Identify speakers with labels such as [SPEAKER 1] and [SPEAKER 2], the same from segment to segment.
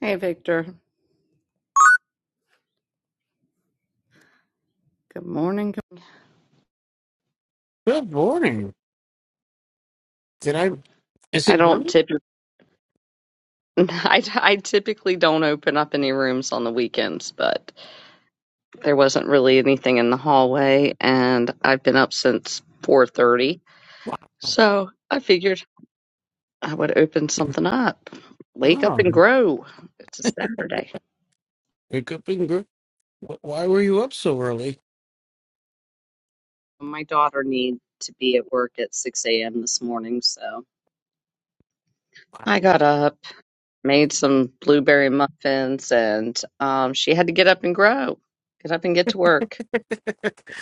[SPEAKER 1] Hey, Victor. Good morning. Good-
[SPEAKER 2] Good morning. Did I? Is
[SPEAKER 1] I
[SPEAKER 2] it
[SPEAKER 1] don't
[SPEAKER 2] morning?
[SPEAKER 1] typically, I, I typically don't open up any rooms on the weekends, but there wasn't really anything in the hallway, and I've been up since 4:30,
[SPEAKER 2] Wow.
[SPEAKER 1] so I figured I would open something up. Wake up
[SPEAKER 2] wow.
[SPEAKER 1] and grow. It's a Saturday.
[SPEAKER 2] Wake up and gr- wh- Why were you up so early?
[SPEAKER 1] My daughter needed to be at work at 6 a.m. this morning, so I got up, made some blueberry muffins, and um, she had to get up and grow, get up and get to work.
[SPEAKER 2] it's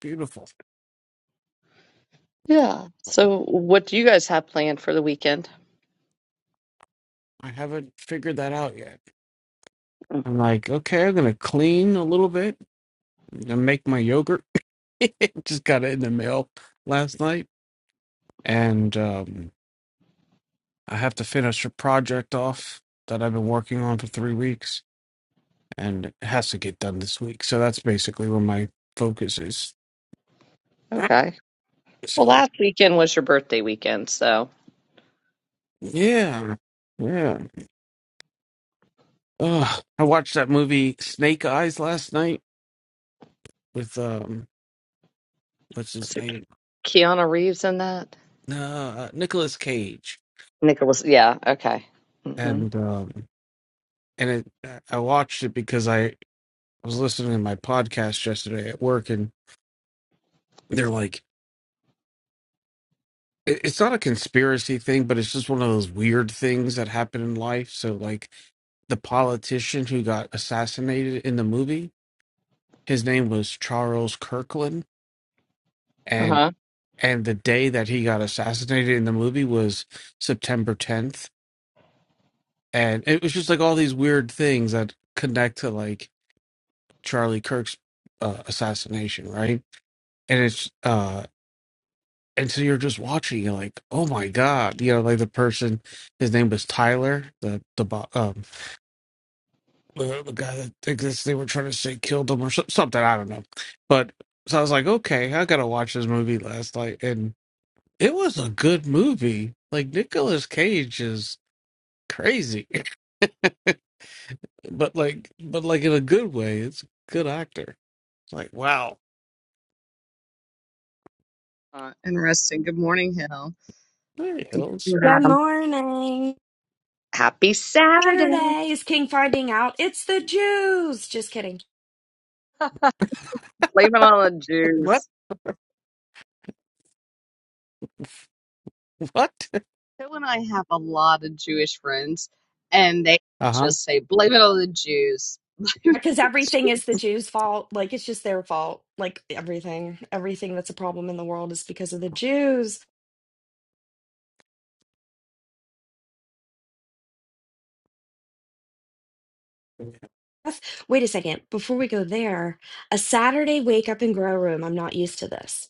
[SPEAKER 2] beautiful.
[SPEAKER 1] Yeah. So, what do you guys have planned for the weekend?
[SPEAKER 2] I haven't figured that out yet.
[SPEAKER 1] Mm,
[SPEAKER 2] I'm like, okay, I'm gonna clean a little bit. I'm gonna make my yogurt. Just got it in the mail last night, and um, I have to finish a project off that I've been working on for three weeks, and it has to get done this week. So that's basically where my focus is.
[SPEAKER 1] Okay. Well,
[SPEAKER 2] So.
[SPEAKER 1] last weekend was your birthday weekend, so
[SPEAKER 2] Yeah, yeah. Ugh. I watched that movie Snake Eyes last night with um, what's
[SPEAKER 1] is
[SPEAKER 2] his
[SPEAKER 1] it
[SPEAKER 2] name?
[SPEAKER 1] Keanu Reeves in that?
[SPEAKER 2] Uh, Nicolas Cage.
[SPEAKER 1] Nicholas. Yeah. Okay. Mm-hmm.
[SPEAKER 2] And um, and it, uh, I watched it because I was listening to my podcast yesterday at work, and they're like, it- it's not a conspiracy thing, but it's just one of those weird things that happen in life. So like the politician who got assassinated in the movie, his name was Charles Kirkland.
[SPEAKER 1] Uh huh.
[SPEAKER 2] and the day that he got assassinated in the movie was September 10th and it was just like all these weird things that connect to like Charlie Kirk's uh, assassination right and it's uh and so you're just watching you're like oh my god you know like the person his name was Tyler the the bo- um the, the guy that I guess they were trying to say killed him or so, something I don't know but so I was like okay I gotta watch this movie last night and it was a good movie. Like Nicolas Cage is crazy, but like, but like in a good way. It's a good actor. It's like, wow,
[SPEAKER 1] Uh, interesting. Good morning, Hill.
[SPEAKER 2] there he
[SPEAKER 1] Good
[SPEAKER 2] goes.
[SPEAKER 1] morning,
[SPEAKER 3] Good
[SPEAKER 1] Adam.
[SPEAKER 3] morning.
[SPEAKER 1] Happy Saturday.
[SPEAKER 3] Saturday is King finding out it's the Jews. Just kidding.
[SPEAKER 1] Blame it on the
[SPEAKER 2] What?
[SPEAKER 1] Jews.
[SPEAKER 2] What?
[SPEAKER 1] Hill and I have a lot of Jewish friends, and they
[SPEAKER 2] Uh huh.
[SPEAKER 1] just say, blame it on the Jews. Blame it
[SPEAKER 3] Because
[SPEAKER 1] on the Jews.
[SPEAKER 3] everything is the Jews' fault. Like, it's just their fault. Like, everything. Everything that's a problem in the world is because of the Jews. That's- Wait a second. Before we go there, a Saturday wake up and grow room. I'm not used to this.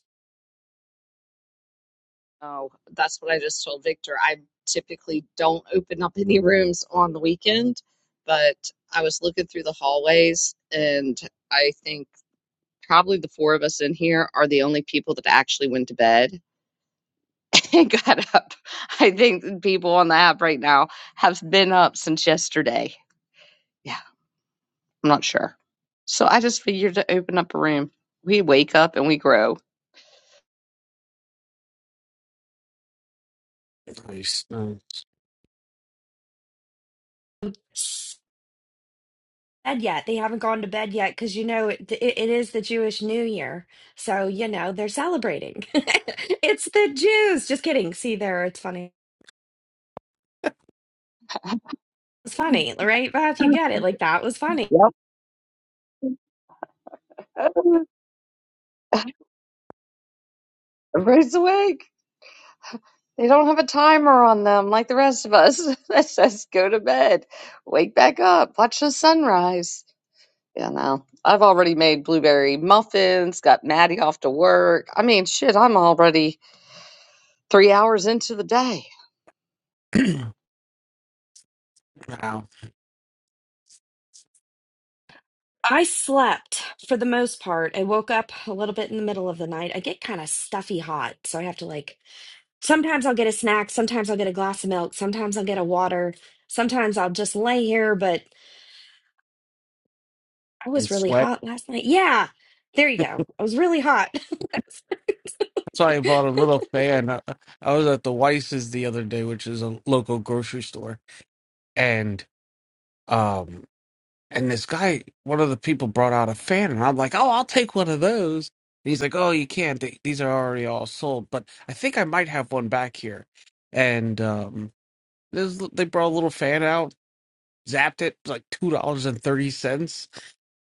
[SPEAKER 1] Oh, that's what I just told Victor. I typically don't open up any rooms on the weekend, but I was looking through the hallways, and I think probably the four of us in here are the only people that actually went to bed and got up. I think the people on the app right now have been up since yesterday. Yeah, I'm not sure. So I just figured to open up a room. We wake up and we grow.
[SPEAKER 2] Nice. Um,
[SPEAKER 3] Bed yet. They haven't gone to bed yet because, you know, it, it, it is the Jewish New Year. So, you know, they're celebrating. it's the Jews. Just kidding. See there. It's funny. It's funny, right, Beth? You get it. Like that was funny.
[SPEAKER 1] Yep. Everybody's awake. They don't have a timer on them like the rest of us that says go to bed, wake back up, watch the sunrise. You know, I've already made blueberry muffins, got Maddie off to work. I mean, shit, I'm already three hours into the day.
[SPEAKER 2] wow.
[SPEAKER 3] I slept for the most part. I woke up a little bit in the middle of the night. I get kind of stuffy hot, so I have to like sometimes I'll get a snack, sometimes I'll get a glass of milk, sometimes I'll get a water, sometimes I'll just lay here, but I
[SPEAKER 2] And
[SPEAKER 3] was really
[SPEAKER 2] sweat.
[SPEAKER 3] hot last night. Yeah. There you go. I was really hot.
[SPEAKER 2] So I bought a little fan. I, I was at the Weiss's the other day, which is a local grocery store, and um, and this guy, one of the people, brought out a fan, and I'm like, oh, I'll take one of those. And he's like, oh, you can't. They- These are already all sold, but I think I might have one back here, and um. There's, they brought a little fan out, zapped it, like two dollars and thirty cents.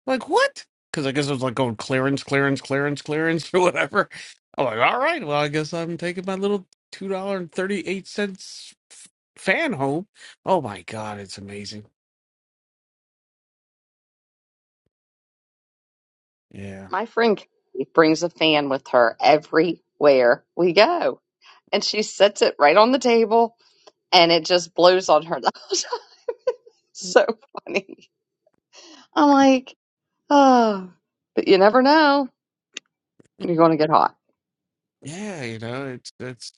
[SPEAKER 2] Like what? Because I guess it was like going clearance, clearance, clearance, clearance, or whatever. I'm like, all right, well, I guess I'm taking my little two dollar and thirty eight cents f- fan home. Oh my god, it's amazing. Yeah,
[SPEAKER 1] My friend Katie brings a fan with her everywhere we go, and she sets it right on the table and it just blows on her. That's so funny. I'm like, oh, but you never know. You're going to get hot.
[SPEAKER 2] yeah, you know, it's it's.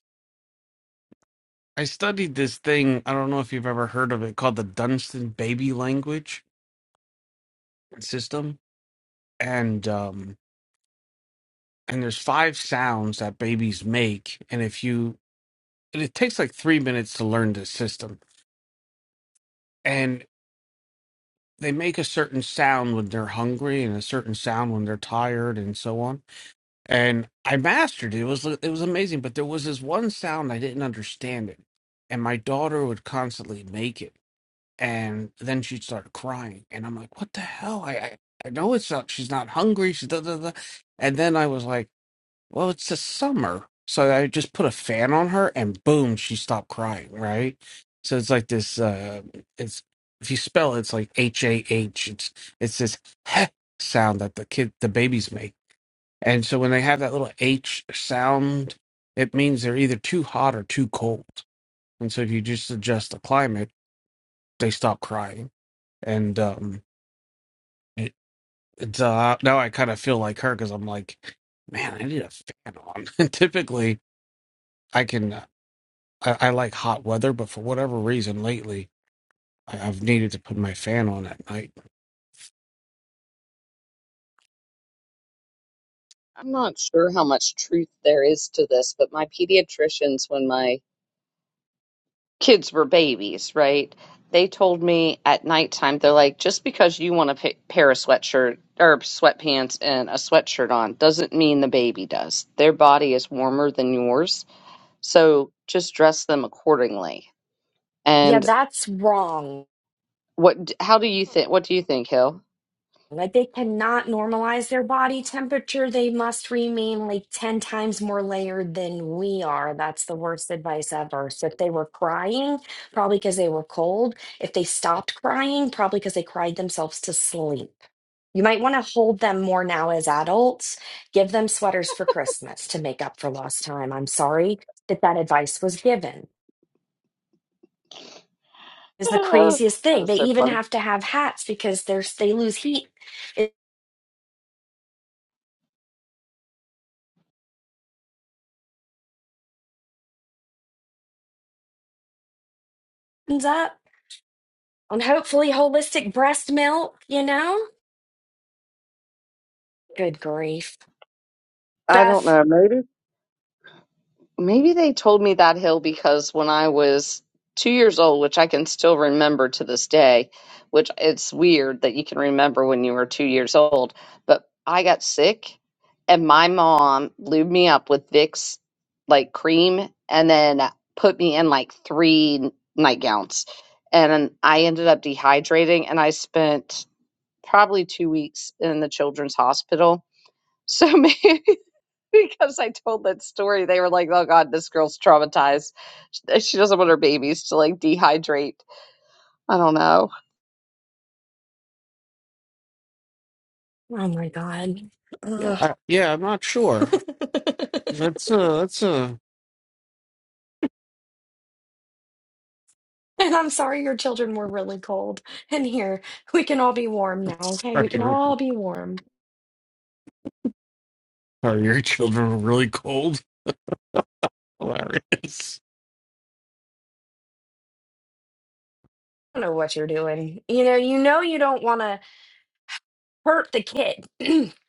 [SPEAKER 2] I studied this thing. I don't know if you've ever heard of it called the Dunstan Baby Language System, and um, and there's five sounds that babies make, and if you and it takes like three minutes to learn this system. And they make a certain sound when they're hungry and a certain sound when they're tired and so on. And I mastered it. It was it was amazing, but there was this one sound I didn't understand it. And my daughter would constantly make it. And then she'd start crying. And I'm like, what the hell? I I, I know it's not she's not hungry, she's da da da. And then I was like Well, it's the summer. So I just put a fan on her and boom, she stopped crying, right? So it's like this uh it's if you spell it, it's like H A H. It's it's this heh sound that the kid the babies make. And so when they have that little H sound, it means they're either too hot or too cold. And so if you just adjust the climate, they stop crying. And um it, it's uh now I kind of feel like her because I'm like, man, I need a fan on. And typically I can. uh, I, I like hot weather, but for whatever reason lately, I, I've needed to put my fan on at night.
[SPEAKER 1] I'm not sure how much truth there is to this, but my pediatricians, when my kids were babies, right, they told me at nighttime, they're like, just because you want a pa- pair of sweatshirt or sweatpants and a sweatshirt on doesn't mean the baby does. Their body is warmer than yours, so just dress them accordingly.
[SPEAKER 3] yeah,
[SPEAKER 1] And
[SPEAKER 3] that's wrong.
[SPEAKER 1] what? How do you think? What do you think, Hill?
[SPEAKER 3] Like they cannot normalize their body temperature. They must remain like 10 times more layered than we are. That's the worst advice ever. So if they were crying, probably because they were cold. If they stopped crying, probably because they cried themselves to sleep. You might want to hold them more now as adults. Give them sweaters for Christmas to make up for lost time. I'm sorry that that advice was given. Is the
[SPEAKER 1] that
[SPEAKER 3] craziest thing.
[SPEAKER 1] is
[SPEAKER 3] They
[SPEAKER 1] so
[SPEAKER 3] even
[SPEAKER 1] funny.
[SPEAKER 3] have to have hats because there's they lose heat. It opens up. And hopefully holistic breast milk, you know? Good grief.
[SPEAKER 1] I don't
[SPEAKER 3] Beth,
[SPEAKER 1] know. Maybe. Maybe they told me that hill because when I was two years old, which I can still remember to this day, which it's weird that you can remember when you were two years old, but I got sick and my mom lubed me up with Vicks like cream and then put me in like three nightgowns. And I ended up dehydrating and I spent probably two weeks in the children's hospital. So maybe. because I told that story. They were like, "Oh God, this girl's traumatized. She she doesn't want her babies to like dehydrate." I don't know.
[SPEAKER 3] oh my God.
[SPEAKER 2] Yeah,
[SPEAKER 3] Ugh.
[SPEAKER 2] I, yeah, I'm not sure. That's uh, that's uh,
[SPEAKER 3] and I'm sorry your children were really cold. And here, we can all be warm now, okay?
[SPEAKER 2] are
[SPEAKER 3] We can
[SPEAKER 2] your
[SPEAKER 3] all be warm.
[SPEAKER 2] are your children really cold? Hilarious.
[SPEAKER 3] I don't know what you're doing. You know, you know you don't want to hurt the kid.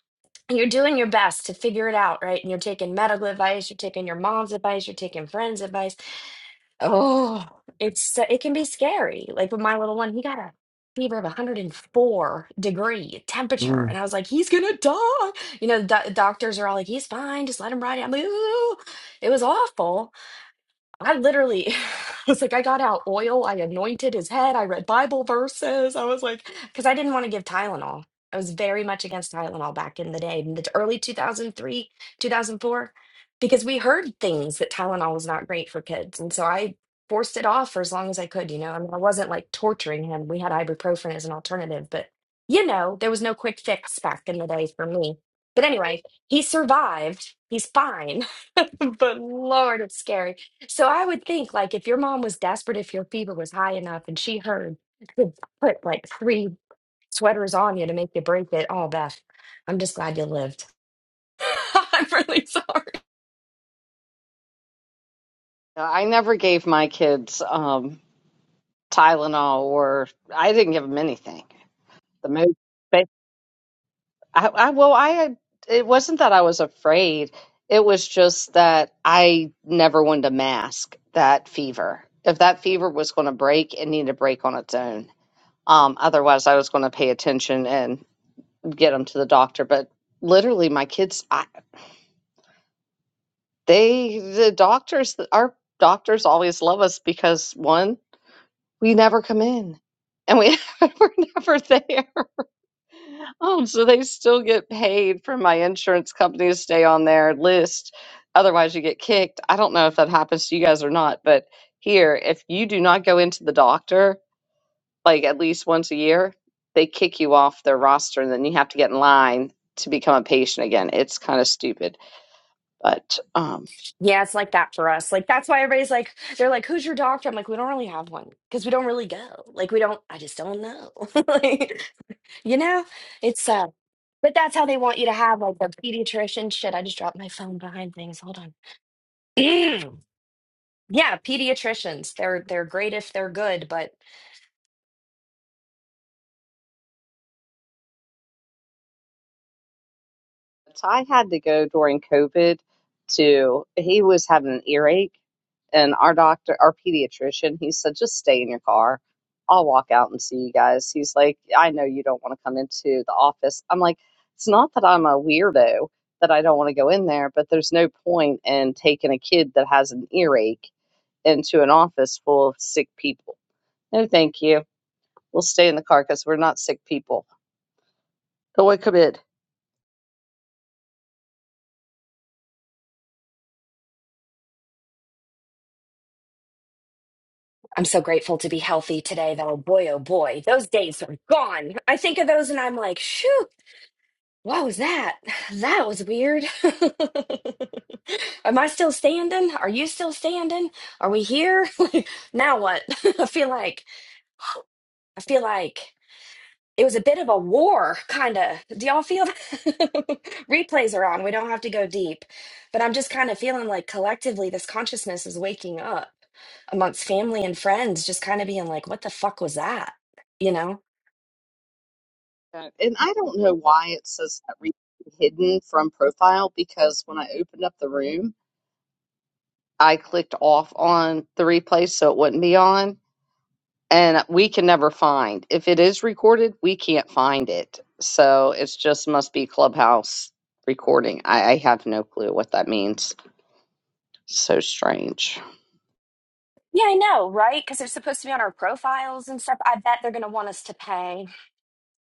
[SPEAKER 3] you're doing your best to figure it out, right? And you're taking medical advice, you're taking your mom's advice, you're taking friends' advice Oh, it's so- it can be scary. Like with my little one, he got a fever of 104 degree temperature,
[SPEAKER 2] Mm.
[SPEAKER 3] and I was like, he's gonna die. You know, the doc- doctors are all like, he's fine, just let him ride it. I'm like, ooh, it was awful. I literally was like, I got out oil, I anointed his head, I read Bible verses. I was like, because I didn't want to give Tylenol. I was very much against Tylenol back in the day, in the t- early 2003, 2004, because we heard things that Tylenol was not great for kids. And so I forced it off for as long as I could, you know. I mean, I wasn't like torturing him. We had ibuprofen as an alternative, but you know, there was no quick fix back in the day for me. But anyway, he survived. He's fine. But Lord, it's scary. So I would think like if your mom was desperate, if your fever was high enough and she heard could put like three sweaters on you to make you break it. Oh, Beth, I'm just glad you lived. I'm really sorry.
[SPEAKER 1] Uh, I never gave my kids um, Tylenol, or I didn't give them anything. The most, but I, I well, I had, it wasn't that I was afraid. It was just that I never wanted to mask that fever. If that fever was going to break, it needed to break on its own. Um, otherwise, I was going to pay attention and. get them to the doctor but literally my kids I, they the doctors our doctors always love us because one we never come in and we we're never there um so they still get paid from my insurance company to stay on their list otherwise you get kicked i don't know if that happens to you guys or not but here if you do not go into the doctor like at least once a year they kick you off their roster and then you have to get in line to become a patient again it's kind of stupid But um,
[SPEAKER 3] Yeah, it's like that for us. Like that's why everybody's like, they're like, "Who's your doctor?" I'm like, "We don't really have one because we don't really go. Like we don't. I just don't know. like, you know, it's uh." But that's how they want you to have like the pediatrician shit. I just dropped my phone behind things. Hold on. Yeah, pediatricians. They're they're great if they're good, but
[SPEAKER 1] I had to go during COVID to, he was having an earache, and our doctor, our pediatrician, he said, just stay in your car. I'll walk out and see you guys. He's like, I know you don't want to come into the office. I'm like, it's not that I'm a weirdo that I don't want to go in there, but there's no point in taking a kid that has an earache into an office full of sick people. No, thank you. We'll stay in the car because we're not sick people. Go away, come in.
[SPEAKER 3] I'm so grateful to be healthy today though. Boy, oh boy, those days are gone. I think of those and I'm like, shoot, what was that? That was weird. Am I still standing? Are you still standing? Are we here? now what? I feel like I feel like it was a bit of a war, kind of. Do y'all feel that? Replays are on. We don't have to go deep. But I'm just kind of feeling like collectively this consciousness is waking up amongst family and friends, just kind of being like, what the fuck was that? You know?
[SPEAKER 1] Uh, And I don't know why it says that re- hidden from profile because when I opened up the room, I clicked off on the replay so it wouldn't be on. And we can never find. If it is recorded, we can't find it. So it's just must be Clubhouse recording. I, I have no clue what that means. So strange.
[SPEAKER 3] Yeah, I know, right? Because they're supposed to be on our profiles and stuff. I bet they're going to want us to pay.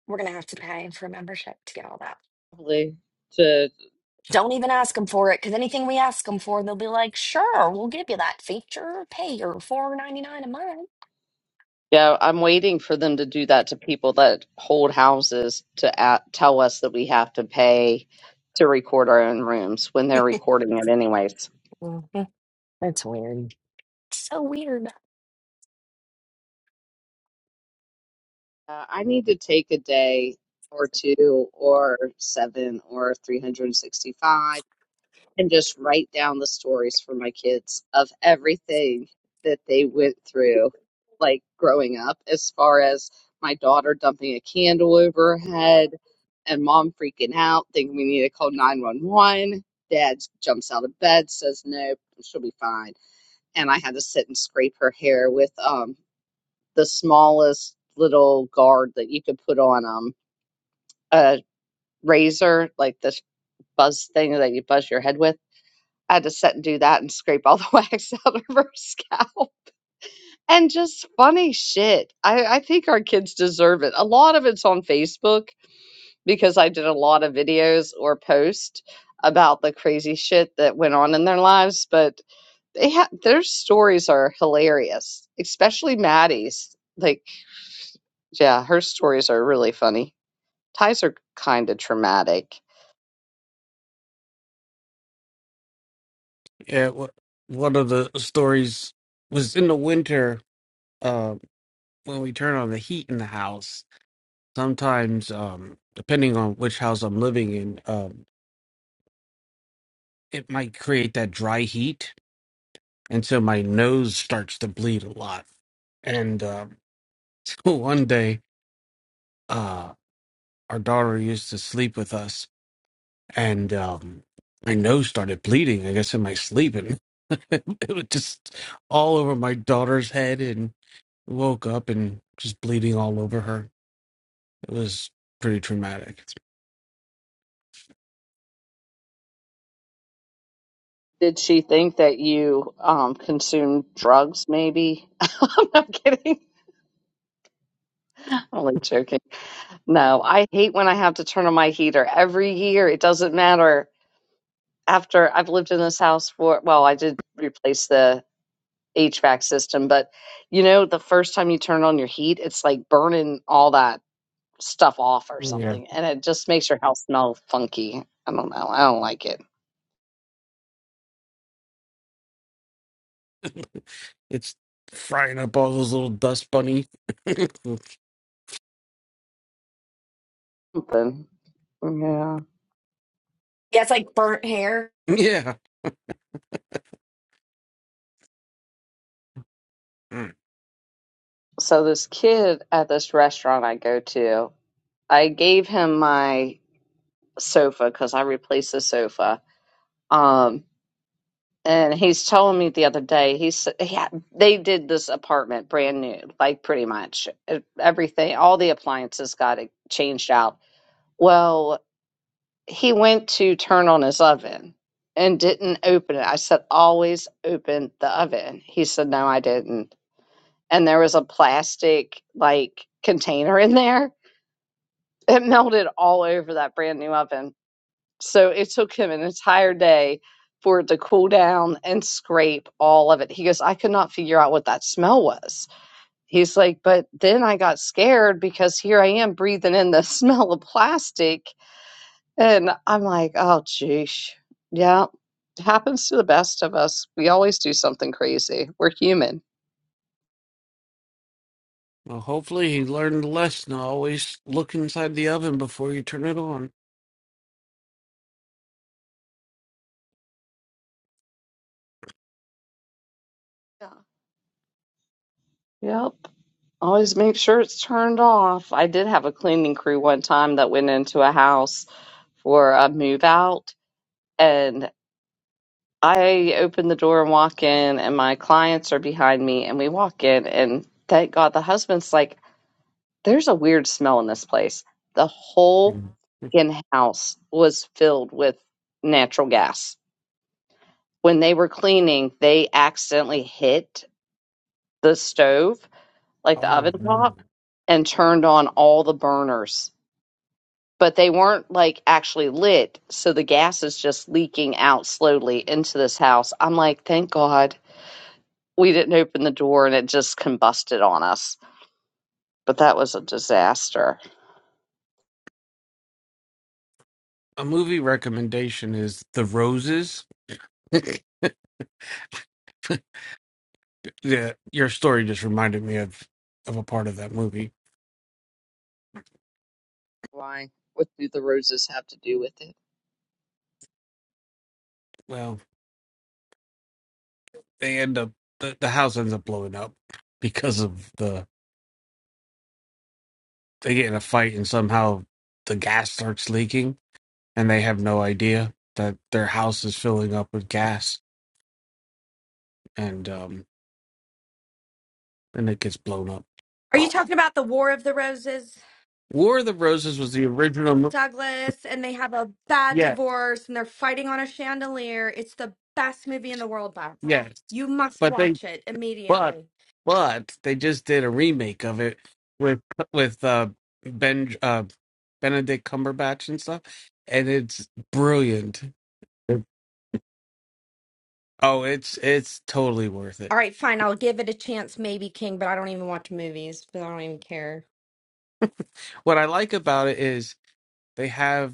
[SPEAKER 3] We're going to have to pay for membership to get all that.
[SPEAKER 1] Probably to
[SPEAKER 3] Don't even ask them for it because anything we ask them for, they'll be like, sure, we'll give you that feature. Pay your four ninety nine
[SPEAKER 1] Yeah, I'm waiting for them to do that to people that hold houses to at, tell us that we have to pay to record our own rooms when they're
[SPEAKER 3] a
[SPEAKER 1] recording it anyways.
[SPEAKER 3] month. That's weird. So weird.
[SPEAKER 1] Uh, I need to take a day or two or seven or 365 and just write down the stories for my kids of everything that they went through, like growing up, as far as my daughter dumping a candle over her head and mom freaking out, thinking we need to call 911. Dad jumps out of bed, says, no, she'll be fine. And I had to sit and scrape her hair with um, the smallest little guard that you could put on um, a razor, like this buzz thing that you buzz your head with I had to sit and do that and scrape all the wax out of her scalp. And just funny shit. I, I think our kids deserve it. A lot of it's on Facebook because I did a lot of videos or posts about the crazy shit that went on in their lives, but they ha- their stories are hilarious, especially Maddie's. Like, yeah, her stories are really funny. Ties are kind of traumatic.
[SPEAKER 2] Yeah, wha- one of the stories was in the winter. Uh, when we turn on the heat in the house, sometimes, um, depending on which house I'm living in, um, it might create that dry heat and so my nose starts to bleed a lot. And um, so one day, uh, our daughter used to sleep with us, and um, my nose started bleeding. I guess in my sleep, and it was just all over my daughter's head, and woke up and just bleeding all over her. It was pretty traumatic.
[SPEAKER 1] Did she think that you um, consumed drugs? Maybe I'm not kidding. Only joking. No, I hate when I have to turn on my heater every year. It doesn't matter. After I've lived in this house for, well, I did replace the HVAC system, but you know, the first time you turn on your heat, it's like burning all that stuff off or
[SPEAKER 2] Yeah,
[SPEAKER 1] something, and it just makes your house smell funky. I don't know. I don't like it.
[SPEAKER 2] it's frying up all those little dust bunnies.
[SPEAKER 1] Something. Yeah.
[SPEAKER 3] Yeah, it's like burnt hair.
[SPEAKER 2] yeah.
[SPEAKER 1] So this kid at this restaurant I go to, I gave him my sofa because I replaced the sofa. Um, And he's telling me the other day, he's yeah, they did this apartment brand new, like pretty much E- everything, all the appliances got it changed out. Well, he went to turn on his oven and didn't open it. I said, always open the oven. He said, no, I didn't. And there was a plastic like container in there. It melted all over that brand new oven. So it took him an entire day for it to cool down and scrape all of it. He goes, I could not figure out what that smell was. He's like, but then I got scared because here I am breathing in the smell of plastic. And I'm like, oh, geez. Yeah, it happens to the best of us. We always do something crazy. We're human.
[SPEAKER 2] Well, hopefully he learned the lesson. Always look inside the oven before you turn it on.
[SPEAKER 1] Yeah. Yep. Always make sure it's turned off. I did have a cleaning crew one time that went into a house for a move out and. I open the door and walk in, and my clients are behind me, and we walk in, and thank God the husband's like, "There's a weird smell in this place." The whole
[SPEAKER 2] Mm.
[SPEAKER 1] in house was filled with natural gas. When they were cleaning, they accidentally hit the stove, like the
[SPEAKER 2] Oh,
[SPEAKER 1] oven
[SPEAKER 2] mm.
[SPEAKER 1] top, and turned on all the burners. But they weren't like actually lit, so the gas is just leaking out slowly into this house. I'm like, thank God we didn't open the door and it just combusted on us. But that was a disaster.
[SPEAKER 2] a movie recommendation is The Roses. Yeah, your story just reminded me of of a part of that movie.
[SPEAKER 1] Why? What do the roses have to do with it?
[SPEAKER 2] Well, they end up the, the house ends up blowing up because of the they get in a fight and somehow the gas starts leaking and they have no idea that their house is filling up with gas and um and it gets blown
[SPEAKER 3] Are
[SPEAKER 2] up.
[SPEAKER 3] you talking about the War of the Roses,
[SPEAKER 2] War of the Roses was the original. mo-
[SPEAKER 3] Douglas? And they have a bad
[SPEAKER 2] Yes,
[SPEAKER 3] divorce and they're fighting on a chandelier. It's the best movie in the world, Beth.
[SPEAKER 2] yes,
[SPEAKER 3] You must
[SPEAKER 2] but they
[SPEAKER 3] watch it
[SPEAKER 2] but
[SPEAKER 3] immediately.
[SPEAKER 2] but they just did a remake of it with with uh Ben uh Benedict Cumberbatch and stuff, and it's brilliant. Oh, it's it's totally worth
[SPEAKER 3] All
[SPEAKER 2] it.
[SPEAKER 3] right, fine. I'll give it a chance, maybe King, but I don't even watch movies, but I don't even care.
[SPEAKER 2] What I like about it is they have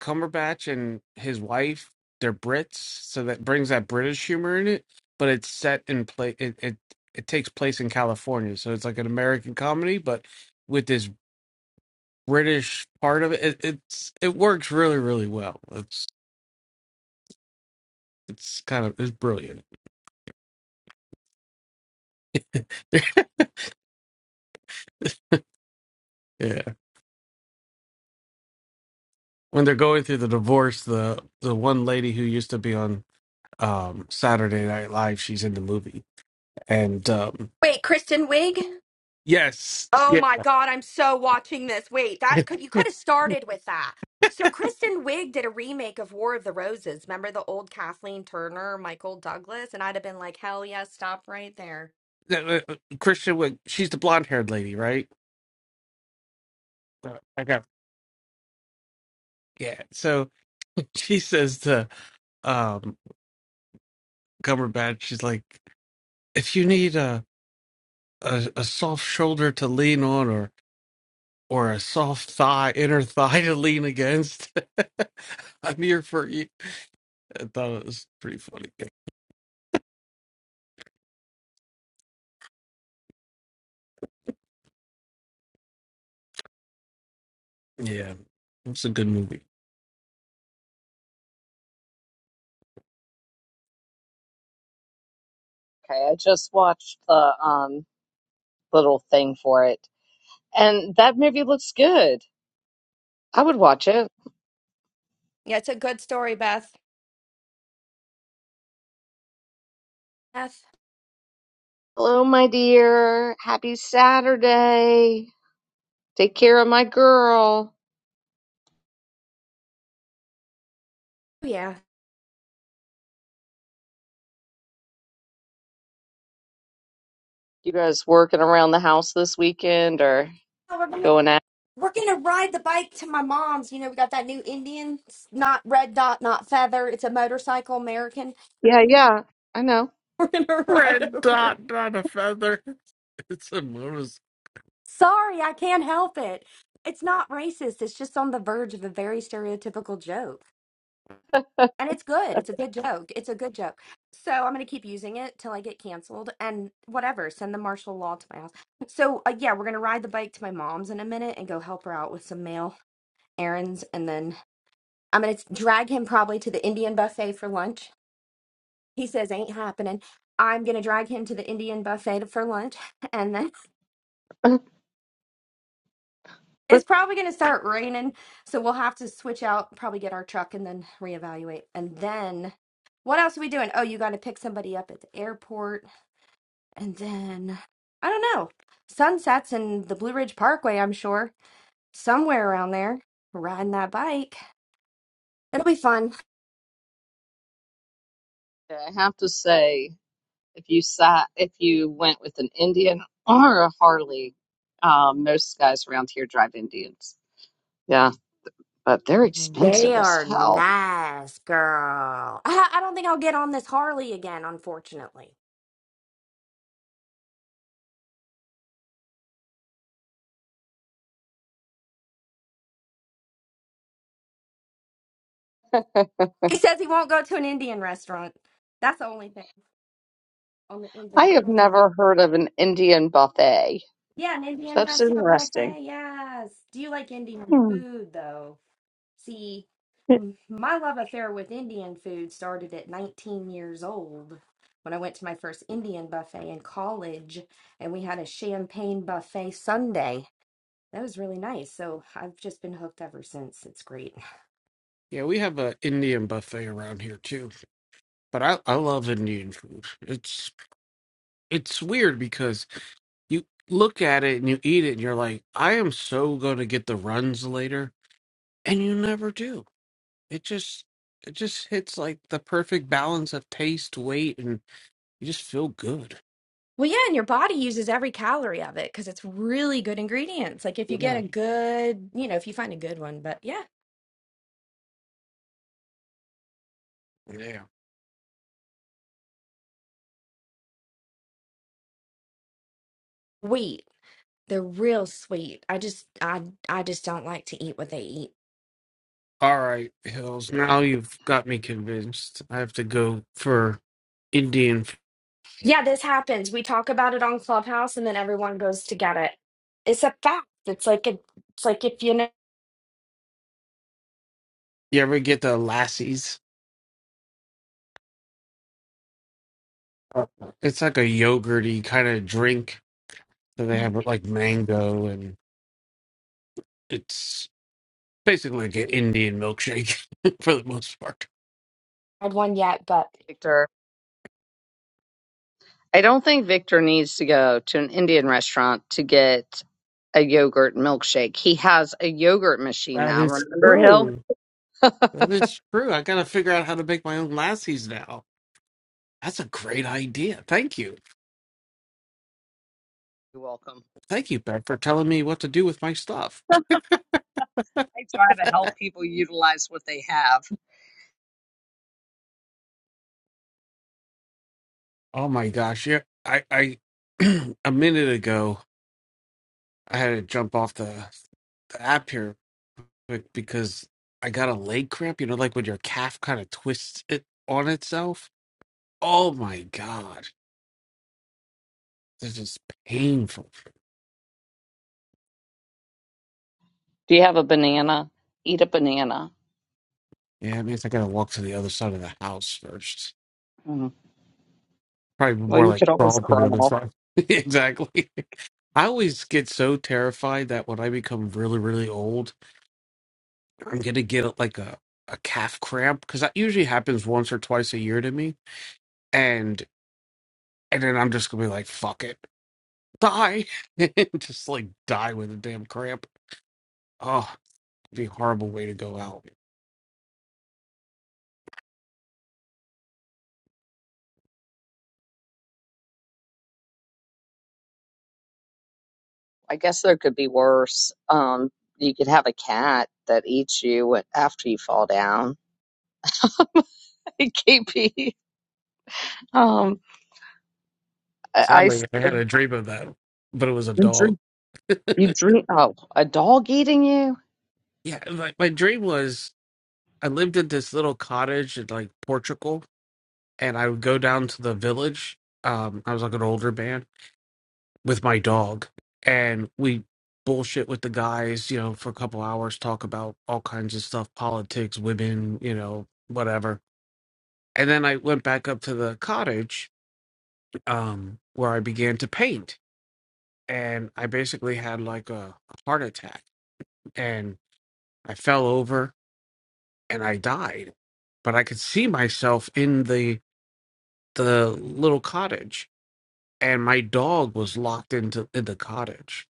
[SPEAKER 2] Cumberbatch and his wife, they're Brits, so that brings that British humor in it, but it's set in play it, it it takes place in California, so it's like an American comedy, but with this British part of it, it it's it works really, really well. It's it's kind of it's brilliant. yeah. When they're going through the divorce, the the one lady who used to be on um Saturday Night Live, she's in the movie. And um
[SPEAKER 3] Wait, Kristen Wiig?
[SPEAKER 2] yes.
[SPEAKER 3] Oh
[SPEAKER 2] Yeah.
[SPEAKER 3] my god, I'm so watching this. Wait, that could you could have started with that. So Kristen Wiig did a remake of War of the Roses. Remember the old Kathleen Turner, Michael Douglas, and I'd have been like, "Hell yeah, stop right there."
[SPEAKER 2] uh, uh, Christian, would- she's the blonde haired lady, right? Uh, I got, yeah. So she says to um, Cumberbatch, she's like, if you need a, a, a soft shoulder to lean on or, or a soft thigh, inner thigh to lean against, I'm here for you. I thought it was pretty funny. Yeah, it's a good movie.
[SPEAKER 1] Okay, I just watched the um little thing for it, and that movie looks good. I would watch it.
[SPEAKER 3] Yeah, it's a good story, Beth. Beth.
[SPEAKER 1] Hello, my dear. Happy Saturday. Take care of my girl.
[SPEAKER 3] Oh, Yeah.
[SPEAKER 1] You guys working around the house this weekend or
[SPEAKER 3] Oh, we're gonna
[SPEAKER 1] going
[SPEAKER 3] we're gonna ride the bike to my mom's. You know, we got that new Indian, it's not red dot, not feather. It's a motorcycle American.
[SPEAKER 1] Yeah, yeah, I know.
[SPEAKER 3] We're gonna ride
[SPEAKER 2] Red
[SPEAKER 3] over.
[SPEAKER 2] dot on a feather. It's a bonus.
[SPEAKER 3] Sorry, I can't help it. It's not racist. It's just on the verge of a very stereotypical joke. And it's good. It's a good joke. It's a good joke. So I'm going to keep using it till I get canceled and whatever. Send the martial law to my house. So uh, yeah, we're going to ride the bike to my mom's in a minute and go help her out with some mail errands. And then I'm going to drag him probably to the Indian buffet for lunch. He says ain't happening. I'm going to drag him to the Indian buffet for lunch. And then it's
[SPEAKER 1] But
[SPEAKER 3] probably going to start raining. So we'll have to switch out, probably get our truck and then reevaluate. And then what else are we doing? Oh, you got to pick somebody up at the airport And then, I don't know, sunsets in the Blue Ridge Parkway, I'm sure, somewhere around there, riding that bike. It'll be fun.
[SPEAKER 1] I have to say, if you sat, if you went with an Indian or a Harley, um, most guys around here drive Indians. Yeah, but they're
[SPEAKER 3] They
[SPEAKER 1] expensive as
[SPEAKER 3] are
[SPEAKER 1] hell.
[SPEAKER 3] nice, girl. I, I don't think I'll get on this Harley again, unfortunately. He says he won't go to an Indian restaurant. That's the only thing on the
[SPEAKER 1] I
[SPEAKER 3] Indian.
[SPEAKER 1] have
[SPEAKER 3] restaurant.
[SPEAKER 1] never heard of an Indian buffet.
[SPEAKER 3] Yeah, an Indian
[SPEAKER 1] That's
[SPEAKER 3] restaurant
[SPEAKER 1] interesting.
[SPEAKER 3] buffet. Yes. Do you like Indian
[SPEAKER 1] Hmm.
[SPEAKER 3] food, though? See, m- my love affair with Indian food started at 19 years old when I went to my first Indian buffet in college, and we had a champagne buffet Sunday. That was really nice. So I've just been hooked ever since. It's great.
[SPEAKER 2] Yeah, we have a Indian buffet around here too, but I I love Indian food. It's it's weird because you look at it and you eat it and you're like, I am so going to get the runs later, and you never do. It just it just hits like the perfect balance of taste, weight, and you just feel good.
[SPEAKER 3] Well, yeah, and your body uses every calorie of it because it's really good ingredients. Like if you
[SPEAKER 2] Yeah.
[SPEAKER 3] get a good, you know, if you find a good one, but yeah,
[SPEAKER 2] Yeah.
[SPEAKER 3] sweet. they're real sweet. I just, I, I just don't like to eat what they eat.
[SPEAKER 2] All right, Hills. Now you've got me convinced. I have to go for Indian. f-
[SPEAKER 3] Yeah, this happens. We talk about it on Clubhouse and then everyone goes to get it. It's a fact. It's like a, it's like if you never
[SPEAKER 2] You ever get the lassies? Uh, It's like a yogurty kind of drink. So they have like mango and it's basically like an Indian milkshake for the most part.
[SPEAKER 3] had one yet, but
[SPEAKER 1] Victor, I don't think Victor needs to go to an Indian restaurant to get a yogurt milkshake. He has a yogurt machine
[SPEAKER 2] That
[SPEAKER 1] now.
[SPEAKER 2] is
[SPEAKER 1] Remember Hill?
[SPEAKER 2] true. That is true. I gotta figure out how to make my own lassies now. That's a great idea. Thank you.
[SPEAKER 1] You're welcome.
[SPEAKER 2] Thank you, Beth, for telling me what to do with my stuff.
[SPEAKER 1] I try to help people utilize what they have.
[SPEAKER 2] Oh my gosh. Yeah. I, I a minute ago I had to jump off the, the app here quick because I got a leg cramp, you know, like when your calf kind of twists it on itself. Oh my god. This is painful.
[SPEAKER 1] Do you have a banana? Eat a banana.
[SPEAKER 2] Yeah, it means I gotta walk to the other side of the house first.
[SPEAKER 1] Mm.
[SPEAKER 2] Probably
[SPEAKER 1] Well,
[SPEAKER 2] more
[SPEAKER 1] you
[SPEAKER 2] like
[SPEAKER 1] could always
[SPEAKER 2] crawl to the other
[SPEAKER 1] crawl.
[SPEAKER 2] side. exactly. I always get so terrified that when I become really, really old, I'm gonna get like a, a calf cramp because that usually happens once or twice a year to me, and and then I'm just gonna be like, fuck it, die, and just like die with a damn cramp. Oh, it'd be a horrible way to go out.
[SPEAKER 1] I guess there could be worse. Um, you could have a cat that eats you wh- after you fall down. KP. Um, I, I s-
[SPEAKER 2] Sadly, I had a dream of that, but it was a
[SPEAKER 1] you
[SPEAKER 2] dog.
[SPEAKER 1] dream, you dream. Oh, a dog eating you?
[SPEAKER 2] yeah, my, my dream was I lived in this little cottage in like Portugal, and I would go down to the village. Um, I was like an older man with my dog, and we bullshit with the guys, you know, for a couple hours, talk about all kinds of stuff, politics, women, you know, whatever. And then I went back up to the cottage, um, where I began to paint, and I basically had like a heart attack, and I fell over and I died. But I could see myself in the the little cottage and my dog was locked into in the cottage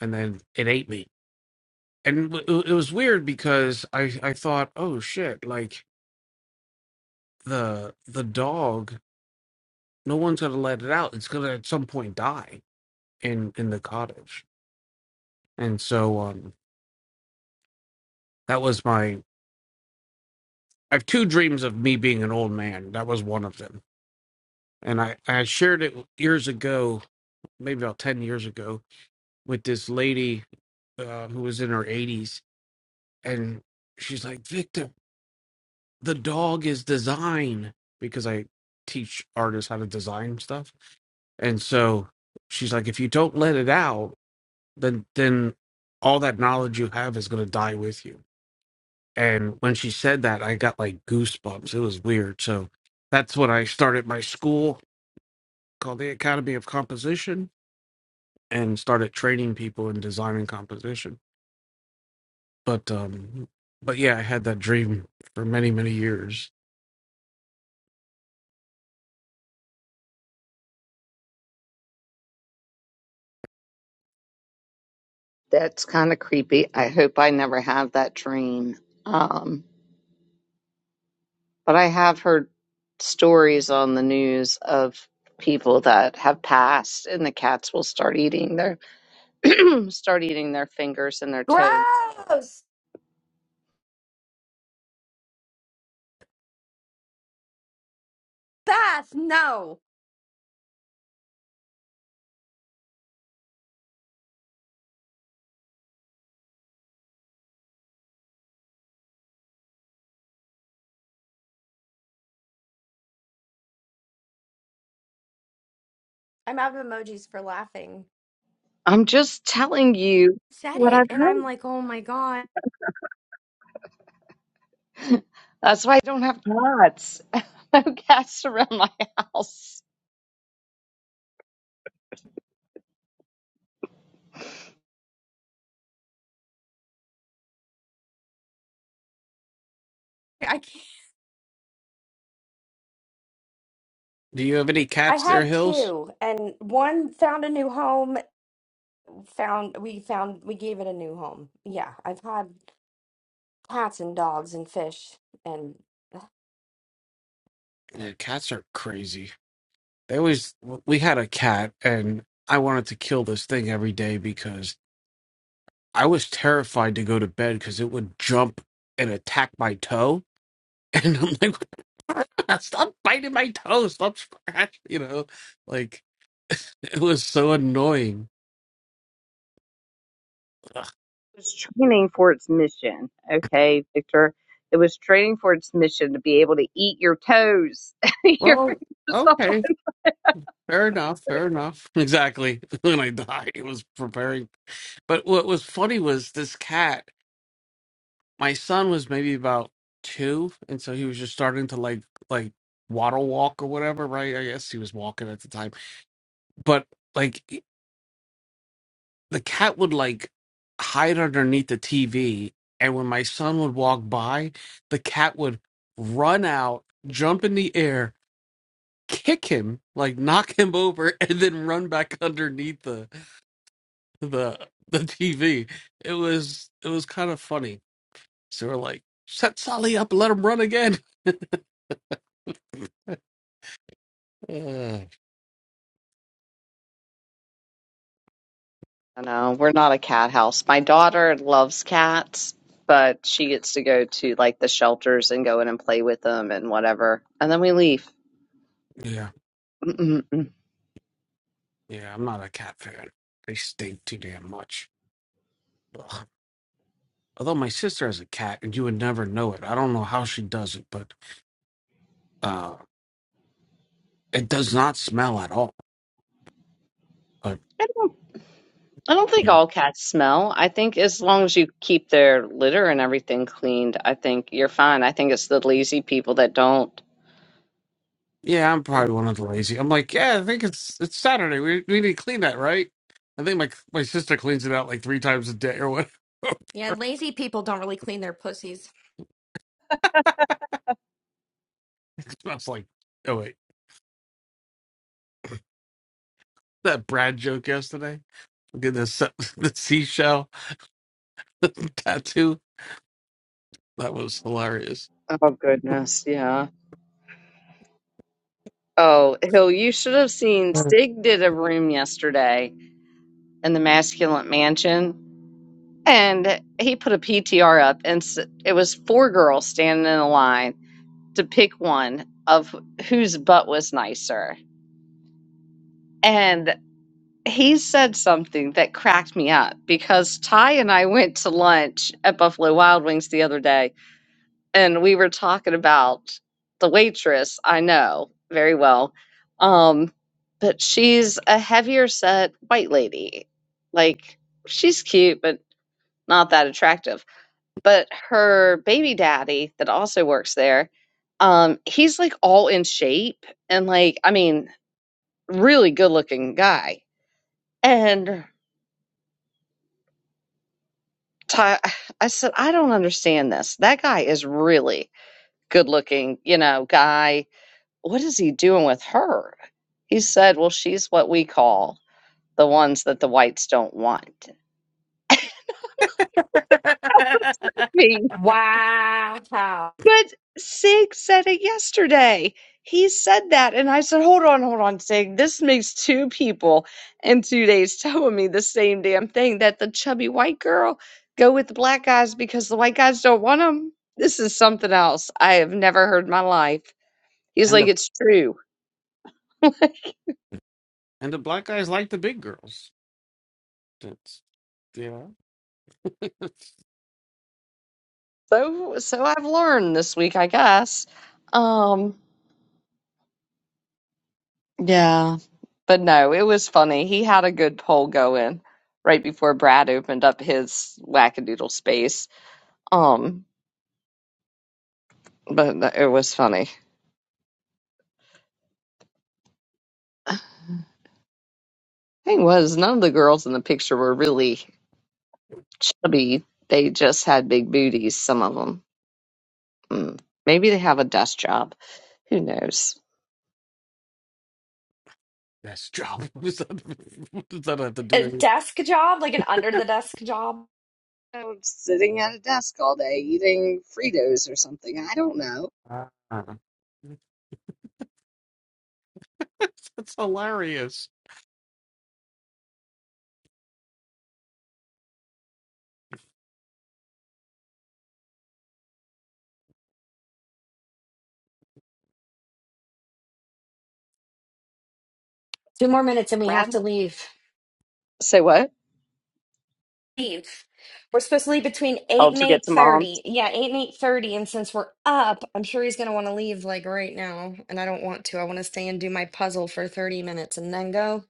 [SPEAKER 2] and then it ate me and w- it was weird because i i thought oh shit like the the dog no one's gonna let it out it's gonna at some point die in in the cottage and so um that was my i have two dreams of me being an old man that was one of them and i i shared it years ago maybe about 10 years ago with this lady uh, who was in her 80s and she's like, Victor, the dog is design because I teach artists how to design stuff. And so she's like, if you don't let it out, then then all that knowledge you have is gonna die with you. And when she said that, I got like goosebumps. It was weird. So that's when I started my school called the Academy of Composition and started training people in design and composition. But um but yeah, I had that dream for many, many years.
[SPEAKER 1] That's kind of creepy. I hope I never have that dream. Um, But I have heard stories on the news of people that have passed and the cats will start eating their start eating their fingers and their toes.
[SPEAKER 3] gross. Beth, no. I'm out of emojis for laughing.
[SPEAKER 1] I'm just telling you
[SPEAKER 3] Said
[SPEAKER 1] what
[SPEAKER 3] it
[SPEAKER 1] I've
[SPEAKER 3] and I'm
[SPEAKER 1] heard.
[SPEAKER 3] like, "Oh my God.
[SPEAKER 1] That's why I don't have cats. No cats around my house.
[SPEAKER 3] I can't.
[SPEAKER 2] Do you have any
[SPEAKER 3] I
[SPEAKER 2] cats there,
[SPEAKER 3] had
[SPEAKER 2] Hills?
[SPEAKER 3] two and one found a new home, found we found we gave it a new home. Yeah, I've had cats and dogs and fish and
[SPEAKER 2] Yeah, cats are crazy. They always, we had a cat and I wanted to kill this thing every day because I was terrified to go to bed because it would jump and attack my toe. And I'm like, "What the fuck? stop biting my toe, stop scratching, you know? Like, it was so annoying.
[SPEAKER 1] It was training for its mission. Okay, Victor. It was training for its mission to be able to eat your toes, your
[SPEAKER 2] Well,
[SPEAKER 1] fingers off.
[SPEAKER 2] okay, fair enough, fair enough. Exactly. When I died, it was preparing. But what was funny was this cat. my son was maybe about two, and so he was just starting to like like waddle walk or whatever, right? I guess he was walking at the time, but like he- the cat would like hide underneath the TV, and when my son would walk by, the cat would run out, jump in the air, kick him, like knock him over, and then run back underneath the the the TV. It was it was kind of funny. So we're like, set Sully up, let him run again.
[SPEAKER 1] No, we're not a cat house. My daughter loves cats, but she gets to go to like the shelters and go in and play with them and whatever. And then we leave.
[SPEAKER 2] Yeah,
[SPEAKER 1] Mm-mm-mm.
[SPEAKER 2] yeah, I'm not a cat fan. They stink too damn much. Ugh. Although my sister has a cat, and you would never know it. I don't know how she does it, but uh, it does not smell at all. But
[SPEAKER 1] I don't I don't think
[SPEAKER 2] mm,
[SPEAKER 1] all cats smell. I think as long as you keep their litter and everything cleaned, I think you're fine. I think it's the lazy people that don't.
[SPEAKER 2] yeah, I'm probably one of the lazy. I'm like, yeah, I think it's it's Saturday. We we need to clean that, right? I think my my sister cleans it out like three times a day or what. it
[SPEAKER 3] yeah, lazy people don't really clean their pussies.
[SPEAKER 2] smells like oh wait, that Brad joke yesterday. Did the se- the seashell tattoo? That was hilarious.
[SPEAKER 1] Oh, goodness. Yeah. Oh, Hill, you should have seen
[SPEAKER 2] and
[SPEAKER 1] Sig did a room yesterday in the Masculine Mansion And he put a PTR up, and it was four girls standing in a line to pick one of whose butt was nicer. And he said something that cracked me up because Ty and I went to lunch at Buffalo Wild Wings the other day, and we were talking about the waitress I know very well. Um, but she's a heavier set white lady. Like, she's cute, but not that attractive but her baby daddy that also works there um he's like all in shape and like i mean really good looking guy and Ty, i said i don't understand this that guy is really good looking you know guy what is he doing with her he said well she's what we call the ones that the whites don't want I was laughing
[SPEAKER 3] Wow.
[SPEAKER 1] But Sig said it yesterday. He said that, and I said, "Hold on, hold on, Sig. This makes two people in two days telling me the same damn thing that the chubby white girl go with the black guys because the white guys don't want them." This is something else I have never heard in my life. He's
[SPEAKER 2] the
[SPEAKER 1] like, "It's true."
[SPEAKER 2] And the black guys like the big girls. That's you know
[SPEAKER 1] So, so I've learned this week, I guess. Um, Yeah, but no, it was funny. He had a good poll going right before Brad opened up his wackadoodle space. Um, but th- it was funny. Thing was, none of the girls in the picture were really chubby. They just had big booties, some of them. Mm. Maybe they have a desk job. Who knows?
[SPEAKER 2] that's job. Does that, does that have to do
[SPEAKER 3] a
[SPEAKER 2] anything?
[SPEAKER 3] desk job, like an under the desk job.
[SPEAKER 1] Oh, Sitting at a desk all day eating Fritos or something. I don't know.
[SPEAKER 2] uh that's hilarious.
[SPEAKER 3] Two more minutes and we have
[SPEAKER 1] Brad?
[SPEAKER 3] to leave.
[SPEAKER 1] Say what?
[SPEAKER 3] Leave. We're supposed to leave between
[SPEAKER 1] Oh,
[SPEAKER 3] eight and
[SPEAKER 1] to get
[SPEAKER 3] eight
[SPEAKER 1] to mom.
[SPEAKER 3] thirty. Yeah, eight and eight thirty. And since we're up, I'm sure he's gonna want to leave like right now. And I don't want to. I want to stay and do my puzzle for thirty minutes and then go.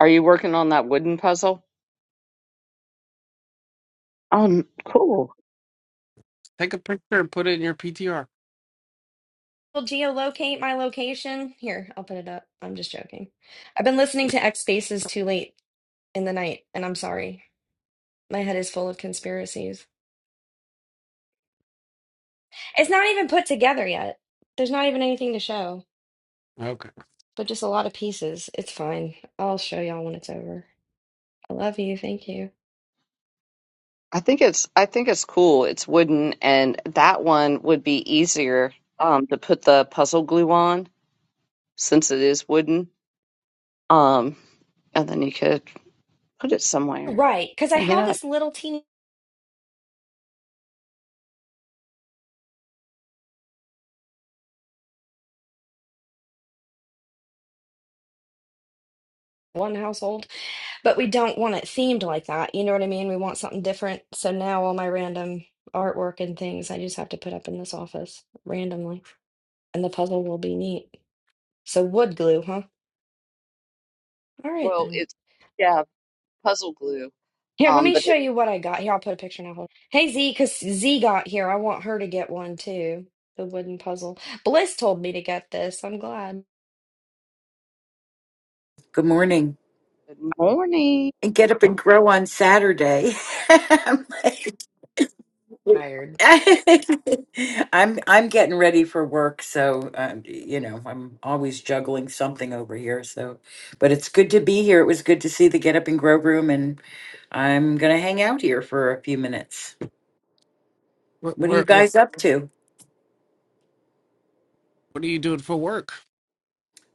[SPEAKER 1] Are you working on that wooden puzzle? Um, cool.
[SPEAKER 2] Take a picture and put it in your PTR.
[SPEAKER 3] Will geolocate my location. Here, I'll put it up. I'm just joking. I've been listening to X Spaces too late in the night, and I'm sorry. My head is full of conspiracies. It's not even put together yet. There's not even anything to show.
[SPEAKER 2] Okay.
[SPEAKER 3] but just a lot of pieces. It's fine. I'll show y'all when it's over. I love you. Thank you.
[SPEAKER 1] I think it's I think it's cool. It's wooden, and that one would be easier um, to put the puzzle glue on since it is wooden. Um, and then you could put it somewhere,
[SPEAKER 3] Right, because I
[SPEAKER 1] hang it
[SPEAKER 3] have
[SPEAKER 1] up.
[SPEAKER 3] this little teeny one household, but we don't want it themed like that. You know what I mean? We want something different. So now all my random artwork and things I just have to put up in this office randomly, and the puzzle will be neat. So wood glue, huh? All right
[SPEAKER 1] Well,
[SPEAKER 3] then.
[SPEAKER 1] it's yeah, puzzle glue.
[SPEAKER 3] Here, let
[SPEAKER 1] Um,
[SPEAKER 3] me
[SPEAKER 1] but
[SPEAKER 3] show you what I got. Here, I'll put a picture now. Hold on. Hey Z, because Z got here. I want her to get one too. The wooden puzzle. Bliss told me to get this. I'm glad.
[SPEAKER 4] Good morning.
[SPEAKER 1] good morning.
[SPEAKER 4] And get up and
[SPEAKER 2] Oh,
[SPEAKER 4] grow on Saturday. I'm like- I'm I'm getting ready for work, so um, you know I'm always juggling something over here. So, but it's good to be here. It was good to see the Get Up and Grow room, and I'm gonna hang out here for a few minutes.
[SPEAKER 2] Where,
[SPEAKER 4] What are you
[SPEAKER 2] where, where,
[SPEAKER 4] guys up to?
[SPEAKER 2] what are you doing for work?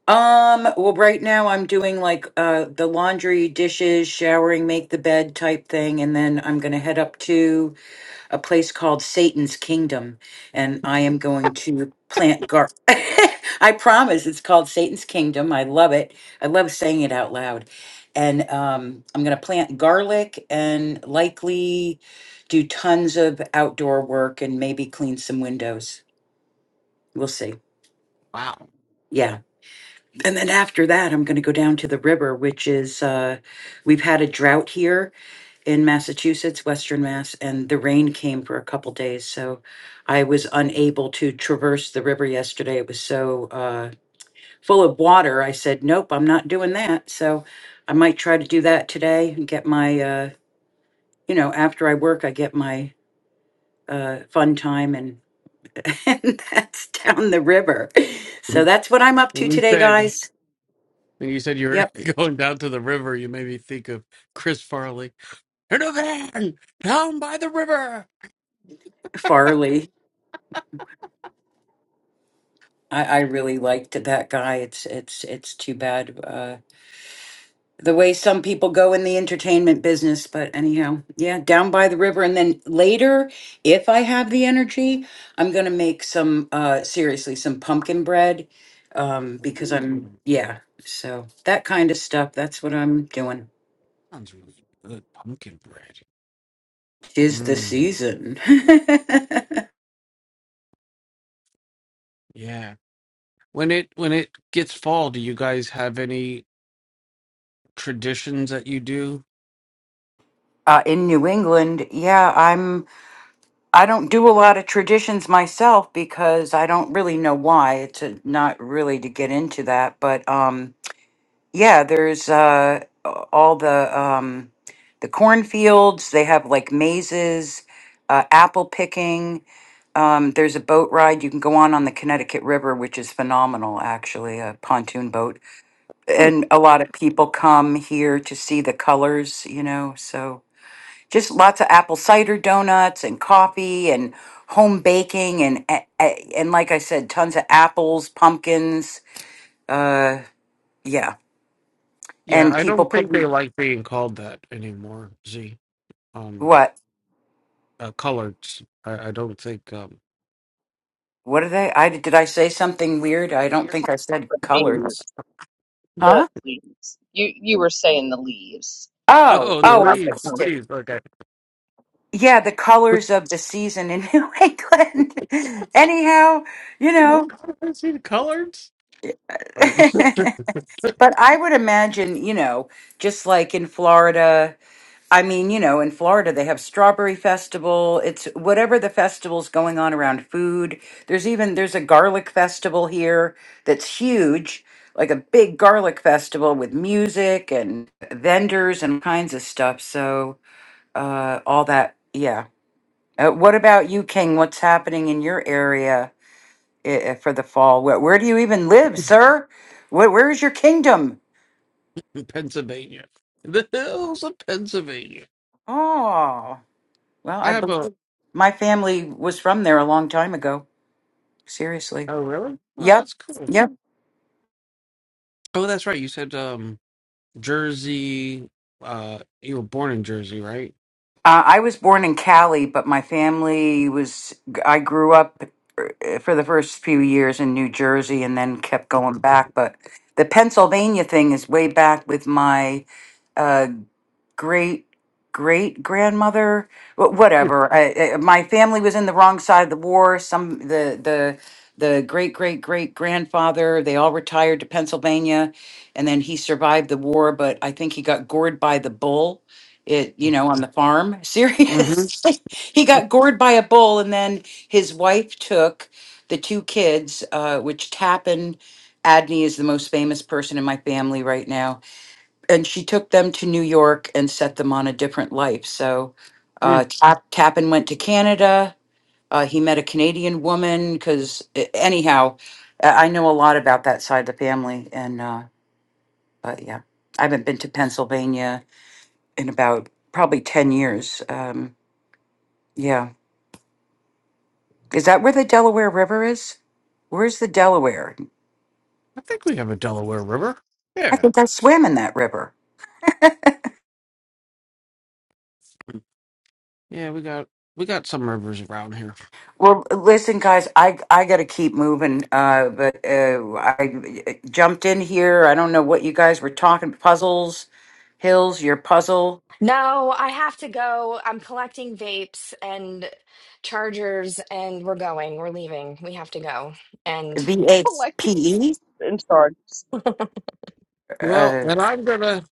[SPEAKER 4] Um, well, right now I'm doing like uh the laundry, dishes, showering, make the bed type thing, and then I'm gonna head up to a place called Satan's Kingdom, and I am going to plant gar. I promise it's called Satan's Kingdom. I love it. I love saying it out loud. And um, I'm going to plant garlic and likely do tons of outdoor work and maybe clean some windows. We'll see.
[SPEAKER 2] Wow.
[SPEAKER 4] Yeah. And then after that, I'm going to go down to the river, which is, uh, we've had a drought here in Massachusetts, Western Mass, and the rain came for a couple days. So I was unable to traverse the river yesterday. It was so uh, full of water. I said, nope, I'm not doing that. So I might try to do that today and get my, uh, you know, after I work, I get my uh, fun time and, and that's down the river. So
[SPEAKER 2] When
[SPEAKER 4] that's what I'm up to
[SPEAKER 2] you
[SPEAKER 4] today,
[SPEAKER 2] said
[SPEAKER 4] guys.
[SPEAKER 2] when you said you were
[SPEAKER 4] Yep,
[SPEAKER 2] going down to the river, you made me think of Chris Farley. In a van down by the river.
[SPEAKER 4] Farley. I, I really liked that guy. It's it's it's too bad. Uh, the way some people go in the entertainment business. But anyhow, yeah, down by the river. And then later, if I have the energy, I'm going to make some, uh, seriously, some pumpkin bread um, because I'm,
[SPEAKER 2] Ooh,
[SPEAKER 4] yeah. So that kind of stuff. That's what I'm doing.
[SPEAKER 2] sounds really good. Pumpkin bread.
[SPEAKER 4] Is the
[SPEAKER 2] Mm,
[SPEAKER 4] season.
[SPEAKER 2] yeah. When it when it gets fall, do you guys have any traditions that you do?
[SPEAKER 4] uh, in New England, yeah, I'm. I don't do a lot of traditions myself because I don't really know why. It's uh not really to get into that, but um, Yeah, there's uh all the um the cornfields, they have like mazes, uh apple picking. Um there's a boat ride you can go on on the Connecticut River, which is phenomenal actually, a pontoon boat.
[SPEAKER 2] Hmm.
[SPEAKER 4] And a lot of people come here to see the colors, you know, so just lots of apple cider donuts and coffee and home baking and a- a- and like I said, tons of apples, pumpkins, uh yeah.
[SPEAKER 2] Yeah,
[SPEAKER 4] And
[SPEAKER 2] I
[SPEAKER 4] people
[SPEAKER 2] don't think they
[SPEAKER 4] putting
[SPEAKER 2] like being called that anymore. Z, um,
[SPEAKER 4] what?
[SPEAKER 2] uh, coloreds. I, I don't think. Um,
[SPEAKER 4] What are they? I did I say something weird? I don't
[SPEAKER 1] You're
[SPEAKER 4] think I
[SPEAKER 1] talking
[SPEAKER 4] said
[SPEAKER 1] about being the,
[SPEAKER 4] colors.
[SPEAKER 1] the
[SPEAKER 4] Huh?
[SPEAKER 1] leaves. You you were saying the leaves.
[SPEAKER 4] Oh,
[SPEAKER 2] oh, the
[SPEAKER 1] People
[SPEAKER 4] oh, I
[SPEAKER 1] like to
[SPEAKER 2] leaves, the
[SPEAKER 4] missed
[SPEAKER 1] come
[SPEAKER 4] it.
[SPEAKER 2] leaves. Okay,
[SPEAKER 4] Yeah, the colors of the season in New England. Anyhow, you
[SPEAKER 2] what
[SPEAKER 4] know.
[SPEAKER 2] color is he? Coloreds. Um,
[SPEAKER 4] but I would imagine, you know, just like in Florida. I mean, you know, in Florida, they have strawberry festival. It's whatever the festival's going on around food. There's even there's a garlic festival here that's huge, like a big garlic festival with music and vendors and kinds of stuff. So, uh, all that, yeah. Uh, what about you, King? What's happening in your area i- for the fall? Where, where do you even live, sir? Where, where is your kingdom?
[SPEAKER 2] Pennsylvania, the hills of Pennsylvania.
[SPEAKER 4] Oh, well,
[SPEAKER 2] I
[SPEAKER 4] I
[SPEAKER 2] have a.
[SPEAKER 4] believe my family was from there a long time ago. Seriously.
[SPEAKER 2] Oh, really? Well,
[SPEAKER 4] Yep.
[SPEAKER 2] that's cool.
[SPEAKER 4] Yep.
[SPEAKER 2] Oh, that's right. You said. um. Jersey. Uh, you were born in Jersey, right?
[SPEAKER 4] Uh, I was born in Cali, but my family was, I grew up uh, for the first few years in New Jersey and then kept going back. But the Pennsylvania thing is way back with my uh, great great grandmother wh- whatever I, I, my family was in the wrong side of the war some the the the great great great grandfather they all retired to pennsylvania and then he survived the war but i think he got gored by the bull it you know on the farm
[SPEAKER 2] Mm-hmm.
[SPEAKER 4] seriously he got gored by a bull and then his wife took the two kids uh, which tappan adney is the most famous person in my family right now and she took them to New York and set them on a different life. So
[SPEAKER 2] Mm.
[SPEAKER 4] uh, Tap- Tappan went to Canada. Uh, he met a Canadian woman because, anyhow, I I know a lot about that side of the family. And, uh, but yeah, I haven't been to Pennsylvania in about probably 10 years. Um, yeah. Is that where the Delaware River is? Where's the Delaware?
[SPEAKER 2] I think we have a Delaware River.
[SPEAKER 4] I
[SPEAKER 2] Yeah,
[SPEAKER 4] think I swam in that river.
[SPEAKER 2] yeah, we got we got some rivers around here.
[SPEAKER 4] Well, listen, guys, I I got to keep moving. Uh, but uh, I jumped in here. I don't know what you guys were talking. Puzzles, hills, your puzzle,
[SPEAKER 3] No, I have to go. I'm collecting vapes and chargers, and we're going. We're leaving. We have to go. And
[SPEAKER 4] V A
[SPEAKER 1] collected
[SPEAKER 4] P E,
[SPEAKER 1] in charge.
[SPEAKER 3] I
[SPEAKER 2] Well,
[SPEAKER 4] uh,
[SPEAKER 2] and I'm gonna.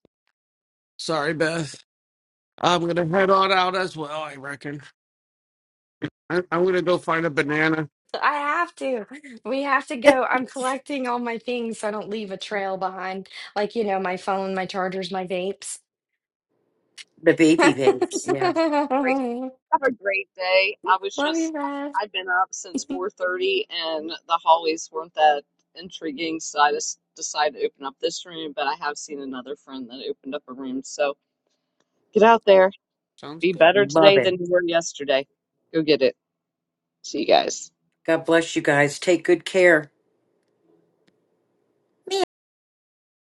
[SPEAKER 2] Sorry, Beth. I'm gonna head on out as well. I reckon. I, I'm gonna go find a banana.
[SPEAKER 3] have to. We have to go.
[SPEAKER 4] the
[SPEAKER 3] I'm collecting all my things so I don't leave a trail behind. Like, you know, my phone, my chargers, my vapes.
[SPEAKER 4] VP page.
[SPEAKER 1] You guys.
[SPEAKER 4] Yeah,
[SPEAKER 1] Have a great day. I was
[SPEAKER 3] Love you,
[SPEAKER 1] just
[SPEAKER 3] Brad.
[SPEAKER 1] I've been up since 4:30 and the hallways weren't that intriguing, so I just decided to open up this room, but I have seen another friend that opened up a room. So get out there.
[SPEAKER 2] Sounds
[SPEAKER 1] Be
[SPEAKER 2] good.
[SPEAKER 1] better
[SPEAKER 4] love
[SPEAKER 1] today than
[SPEAKER 4] it.
[SPEAKER 1] you were yesterday. Go get it. See you guys.
[SPEAKER 4] God bless you guys. Take good care.